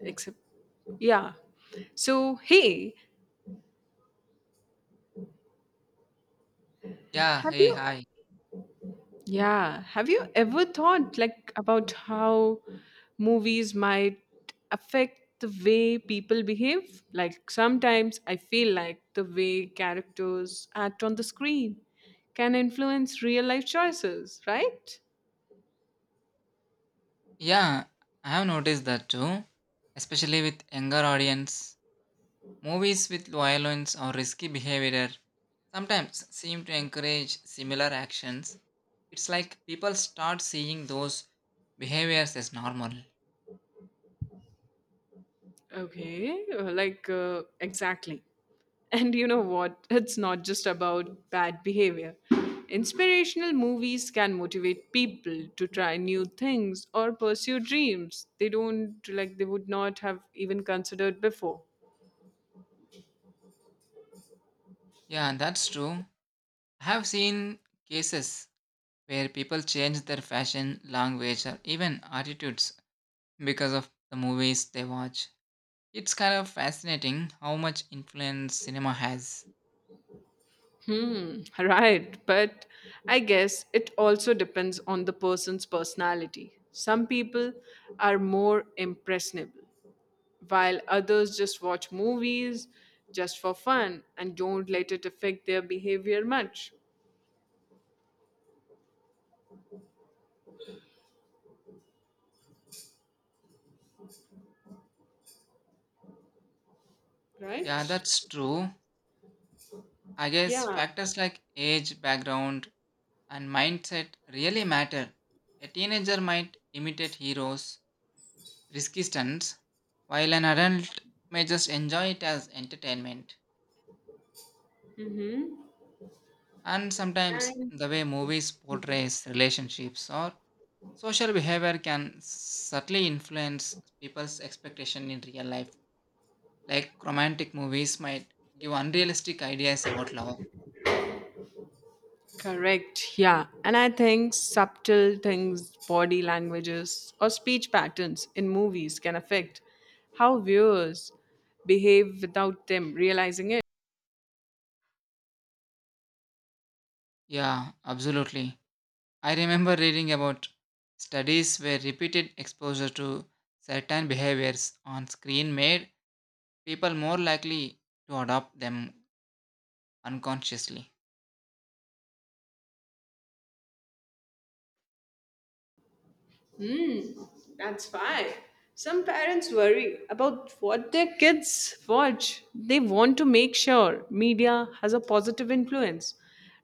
Except Yeah, so hey, Yeah, have hey, you hi. yeah, have you ever thought, like, about how movies might affect the way people behave? Like sometimes I feel like the way characters act on the screen can influence real life choices, right? Yeah, I have noticed that too, especially with younger audience. Movies with violence or risky behavior sometimes seem to encourage similar actions. It's like people start seeing those behaviors as normal. Okay, like, exactly. And you know what? It's not just about bad behavior. Inspirational movies can motivate people to try new things or pursue dreams they don't like they would not have even considered before. Yeah, that's true. I have seen cases where people change their fashion, language, or even attitudes because of the movies they watch. It's kind of fascinating how much influence cinema has. Hmm, right. But I guess it also depends on the person's personality. Some people are more impressionable, while others just watch movies just for fun and don't let it affect their behavior much, Yeah, right? that's true. I Yeah, guess factors like age, background, and mindset really matter. A teenager might imitate heroes, risky stunts, while an adult may just enjoy it as entertainment. And sometimes and the way movies portrays relationships or social behavior can subtly influence people's expectation in real life. Like romantic movies might give unrealistic ideas about love. correct. Yeah, and I think subtle things, body languages, or speech patterns in movies can affect how viewers behave without them realizing it. Yeah, absolutely. I remember reading about studies where repeated exposure to certain behaviors on screen made people more likely to adopt them unconsciously. Hmm, that's fine. Some parents worry about what their kids watch. They want to make sure media has a positive influence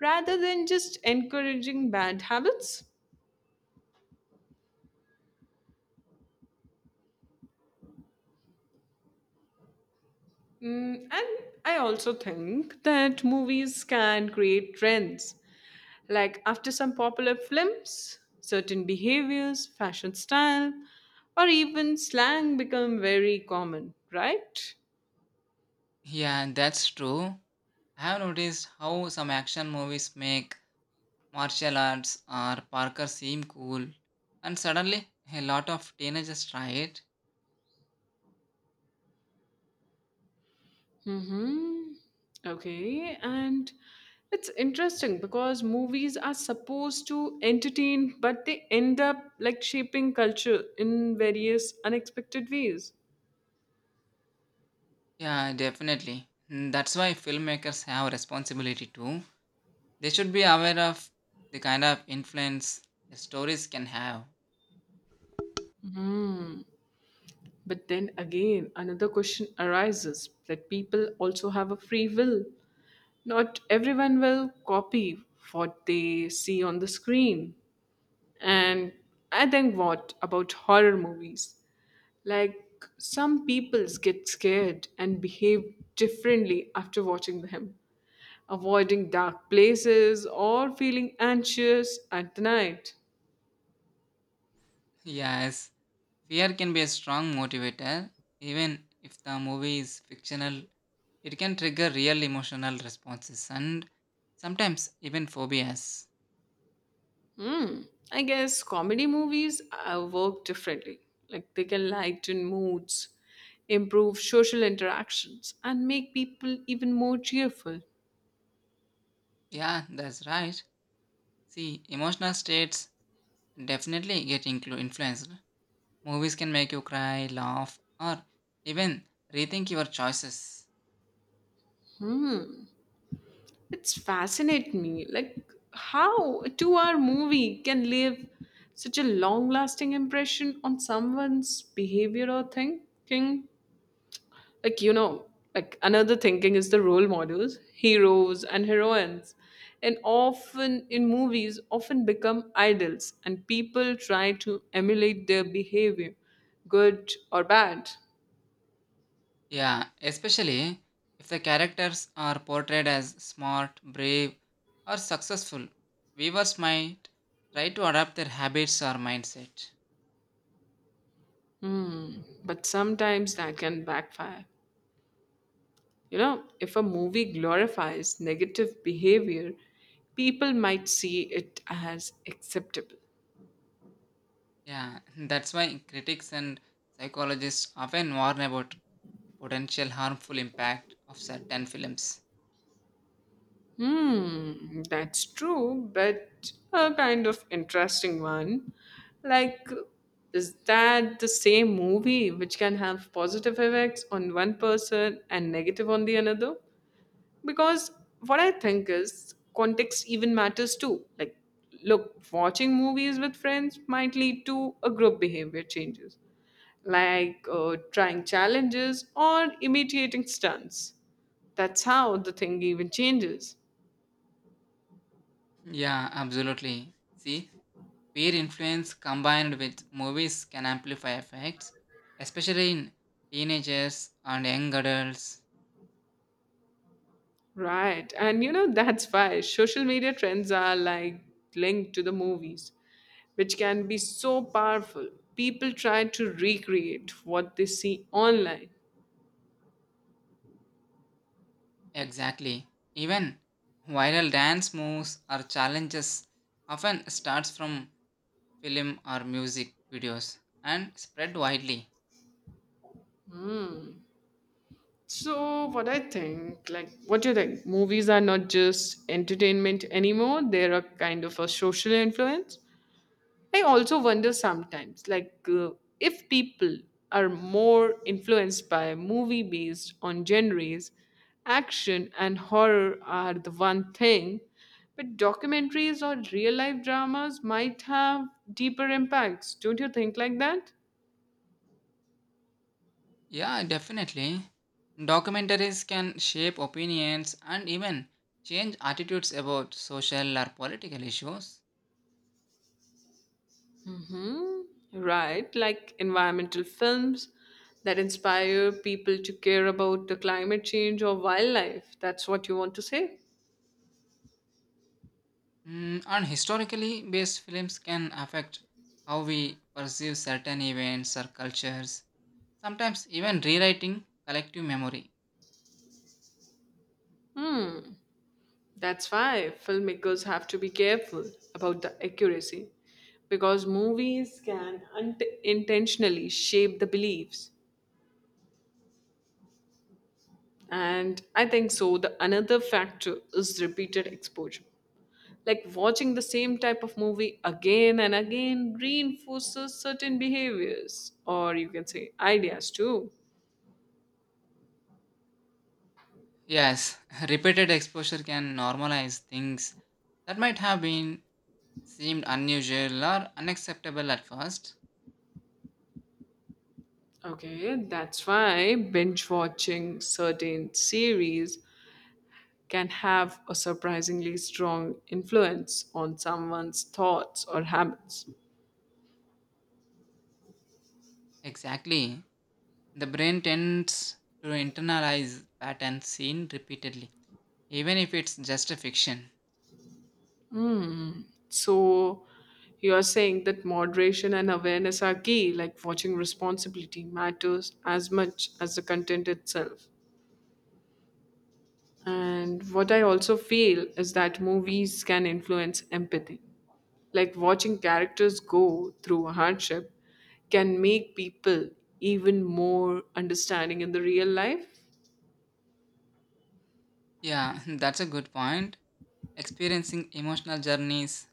rather than just encouraging bad habits. Mm, and I also think that movies can create trends. Like after some popular films, certain behaviors, fashion style, or even slang become very common, right? Yeah, that's true. I have noticed how some action movies make martial arts or Parker seem cool, and suddenly a lot of teenagers try it. Mm-hmm. Okay, and it's interesting because movies are supposed to entertain, but they end up like shaping culture in various unexpected ways. Yeah, definitely. Mm, that's why filmmakers have responsibility too. They should be aware of the kind of influence their stories can have. But then again, another question arises that people also have a free will. Not everyone will copy what they see on the screen. And I think, what about horror movies? Like some peoples get scared and behave differently after watching them, avoiding dark places or feeling anxious at night. Yes, fear can be a strong motivator. Even if the movie is fictional, it can trigger real emotional responses and sometimes even phobias. Hmm, I guess comedy movies work differently. Like they can lighten moods, improve social interactions, and make people even more cheerful. Yeah, that's right. See, emotional states definitely get influenced. Movies can make you cry, laugh, or even rethink your choices. Hmm. It's fascinate me. Like how a two-hour movie can leave such a long-lasting impression on someone's behavior or thinking. like you know like another thinking is the role models, heroes and heroines, and often in movies often become idols, and people try to emulate their behavior, good or bad. Yeah, especially if the characters are portrayed as smart, brave, or successful, viewers might try to adapt their habits or mindset. But sometimes that can backfire, you know, if a movie glorifies negative behavior, people might see it as acceptable. Yeah, that's why critics and psychologists often warn about the potential harmful impact of certain films. Hmm, that's true, but a kind of interesting one. Like, is that the same movie which can have positive effects on one person and negative on the another? Because what I think is context even matters too. Like, look, watching movies with friends might lead to a group behavior changes, like trying challenges or imitating stunts. That's how the thing even changes. Yeah, absolutely. See, peer influence combined with movies can amplify effects, especially in teenagers and young adults. Right. And you know, that's why social media trends are like linked to the movies, which can be so powerful. People try to recreate what they see online. Exactly. Even viral dance moves or challenges often starts from film or music videos and spread widely. So, what I think, like, what do you think? Movies are not just entertainment anymore, they're a kind of a social influence. I also wonder sometimes, like, if people are more influenced by movie based on genres. Action and horror are the one thing, but documentaries or real life dramas might have deeper impacts. Don't you think like that? Yeah, definitely. Documentaries can shape opinions and even change attitudes about social or political issues. Mm, right, like environmental films that inspire people to care about the climate change or wildlife. That's what you want to say? Mm, and historically based films can affect how we perceive certain events or cultures, sometimes even rewriting collective memory. Hmm. That's why filmmakers have to be careful about the accuracy, because movies can unintentionally shape the beliefs. And I think so. The another factor is repeated exposure. Like watching the same type of movie again and again reinforces certain behaviors, or you can say ideas too. Yes, repeated exposure can normalize things that might have been seemed unusual or unacceptable at first. Okay, that's why binge watching certain series can have a surprisingly strong influence on someone's thoughts or habits. Exactly. The brain tends to internalize patterns seen repeatedly, even if it's just a fiction. So, you are saying that moderation and awareness are key, like watching responsibility matters as much as the content itself. And what I also feel is that movies can influence empathy. Like watching characters go through a hardship can make people even more understanding in the real life. Yeah, that's a good point. Experiencing emotional journeys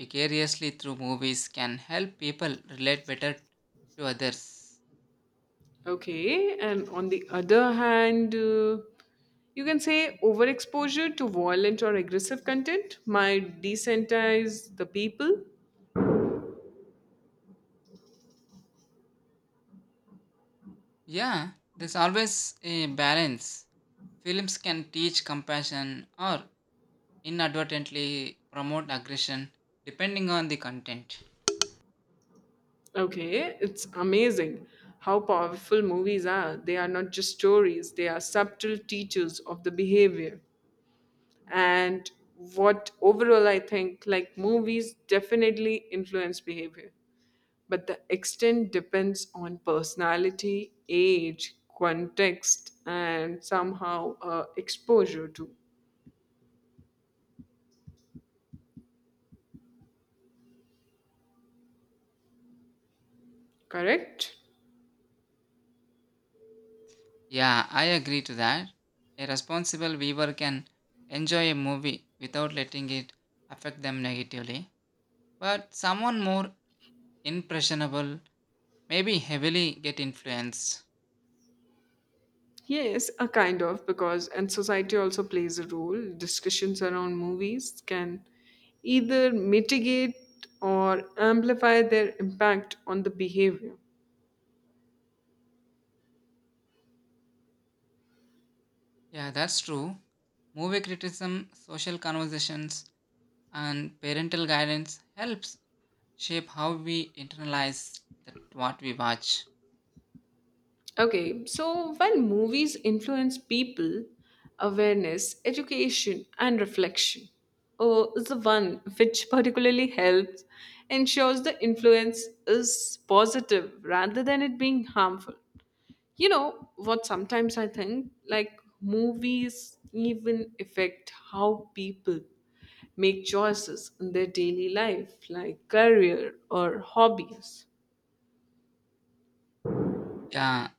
vicariously through movies can help people relate better to others. Okay, and on the other hand, you can say overexposure to violent or aggressive content might desensitize the people. Yeah, there's always a balance. Films can teach compassion or inadvertently promote aggression depending on the content. Okay, it's amazing how powerful movies are. They are not just stories, they are subtle teachers of the behavior. And what overall I think, like, movies definitely influence behavior, but the extent depends on personality, age, context, and somehow exposure to. Correct? Yeah, I agree to that. A responsible viewer can enjoy a movie without letting it affect them negatively, but someone more impressionable maybe heavily get influenced. Yes, a kind of, because and society also plays a role. Discussions around movies can either mitigate or amplify their impact on the behavior. Yeah, that's true. Movie criticism, social conversations, and parental guidance helps shape how we internalize that what we watch. Okay, so while movies influence people, awareness, education, and reflection is the one which particularly helps ensures the influence is positive rather than it being harmful. You know what? Sometimes I think like movies even affect how people make choices in their daily life, like career or hobbies. Yeah,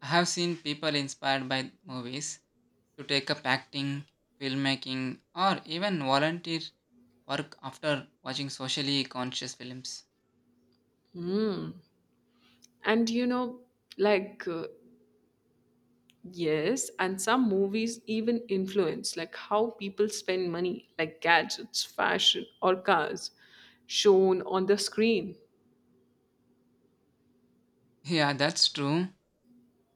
I have seen people inspired by movies to take up acting, filmmaking, or even volunteer work after watching socially conscious films. And you know, like uh, yes, and some movies even influence like how people spend money, like gadgets, fashion, or cars shown on the screen. Yeah, that's true.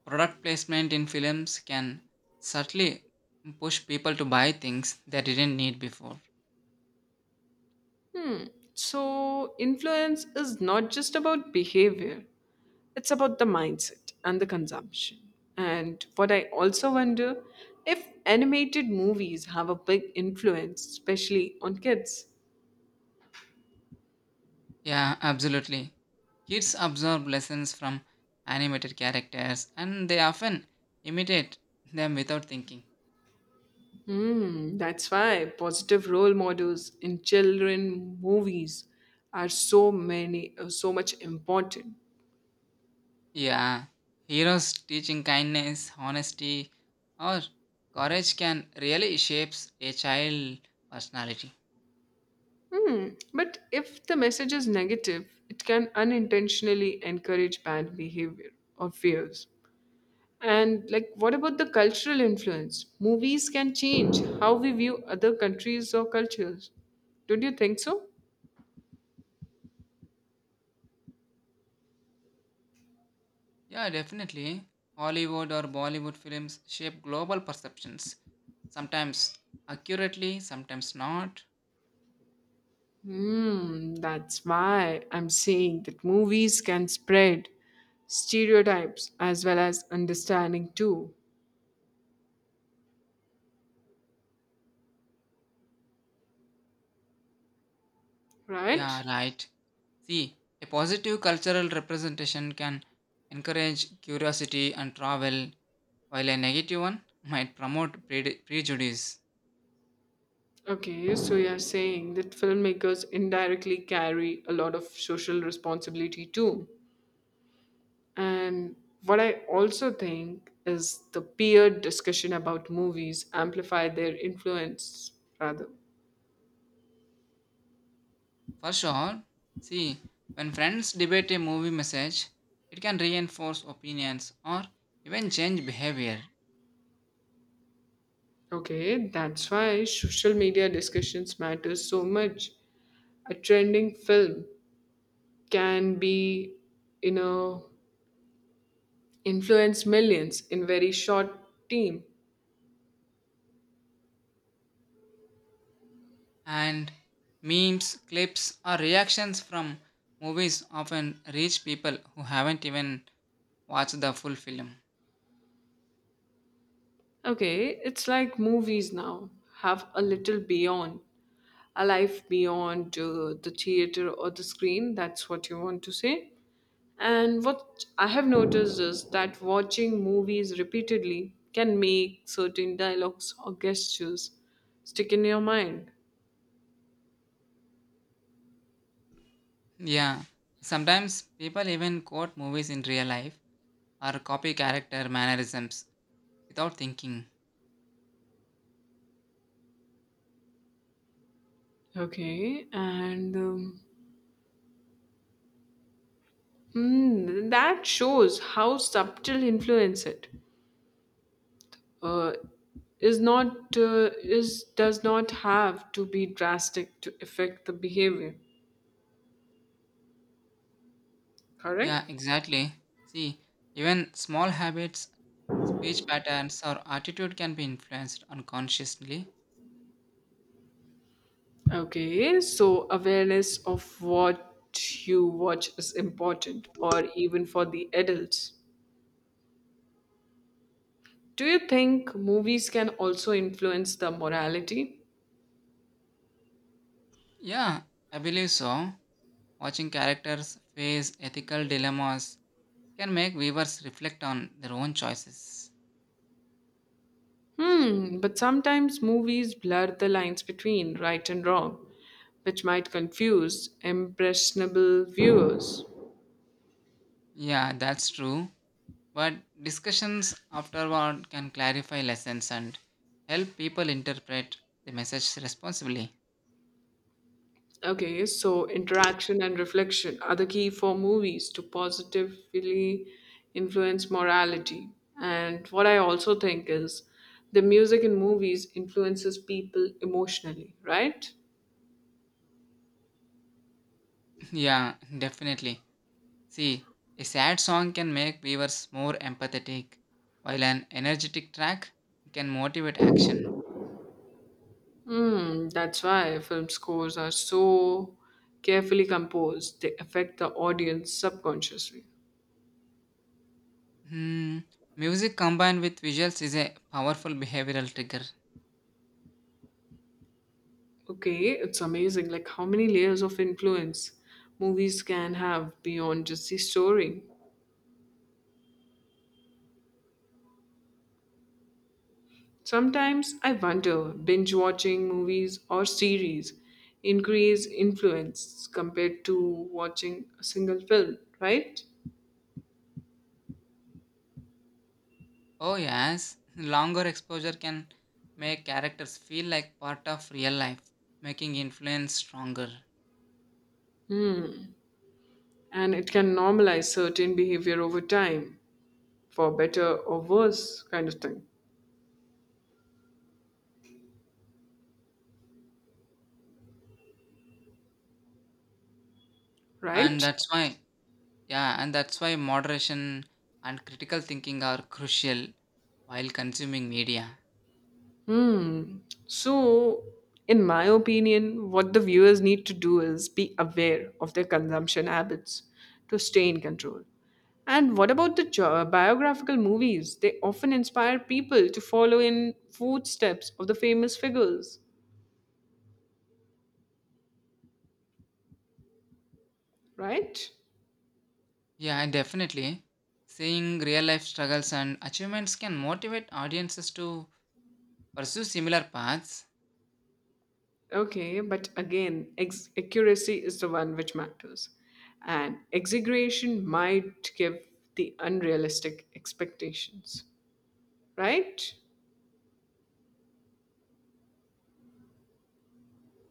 Product placement in films can subtly push people to buy things they didn't need before. So, influence is not just about behavior, it's about the mindset and the consumption. And what I also wonder if animated movies have a big influence, especially on kids. Yeah, absolutely. Kids absorb lessons from animated characters and they often imitate them without thinking. Mm, that's why positive role models in children movies are so much important. Yeah, heroes teaching kindness, honesty, or courage can really shapes a child personality. Mm, but if the message is negative, it can unintentionally encourage bad behavior or fears. And like what about the cultural influence? Movies can change how we view other countries or cultures. Don't you think so? Yeah, definitely. Hollywood or Bollywood films shape global perceptions, sometimes accurately, sometimes not. Hmm, that's why I'm saying that movies can spread stereotypes as well as understanding too, Yeah, right? right. See, a positive cultural representation can encourage curiosity and travel, while a negative one might promote prejudice. Okay, so you're saying that filmmakers indirectly carry a lot of social responsibility too. And what I also think is the peer discussion about movies amplify their influence rather. For sure. See, when friends debate a movie message, it can reinforce opinions or even change behavior. Okay, that's why social media discussions matter so much. A trending film can be, you know influence millions in very short team. And memes, clips, or reactions from movies often reach people who haven't even watched the full film. Okay, it's like movies now have a life beyond the theater or the screen. That's what you want to say. And what I have noticed is that watching movies repeatedly can make certain dialogues or gestures stick in your mind. Yeah. Sometimes people even quote movies in real life or copy character mannerisms without thinking. Okay, and hmm, that shows how subtle influence it. uh, is does not have to be drastic to affect the behavior, Yeah, correct? exactly. See, even small habits, speech patterns or attitude can be influenced unconsciously. Okay, so awareness of what you watch is important, or even for the adults, do you think movies can also influence the morality? Yeah, I believe so. Watching characters face ethical dilemmas can make viewers reflect on their own choices. Hmm, but sometimes movies blur the lines between right and wrong, which might confuse impressionable viewers. Yeah, that's true. But discussions afterward can clarify lessons and help people interpret the message responsibly. Okay, so interaction and reflection are the key for movies to positively influence morality. And what I also think is the music in movies influences people emotionally, right? Yeah, definitely. See, a sad song can make viewers more empathetic, while an energetic track can motivate action. Mm, that's why film scores are so carefully composed. They affect the audience subconsciously. Hmm. Music combined with visuals is a powerful behavioral trigger. Okay, it's amazing like how many layers of influence movies can have beyond just the story. Sometimes I wonder binge watching movies or series increase influence compared to watching a single film, right? Oh, yes. Longer exposure can make characters feel like part of real life, making influence stronger. Hmm. And it can normalize certain behavior over time, for better or worse kind of thing, And right? that's why, yeah, and that's why moderation and critical thinking are crucial while consuming media. Hmm. So, in my opinion, what the viewers need to do is be aware of their consumption habits to stay in control. And what about the biographical movies? They often inspire people to follow in footsteps of the famous figures, right? Yeah, definitely. Seeing real life struggles and achievements can motivate audiences to pursue similar paths. Okay, but again, accuracy is the one which matters. And exaggeration might give the unrealistic expectations, right?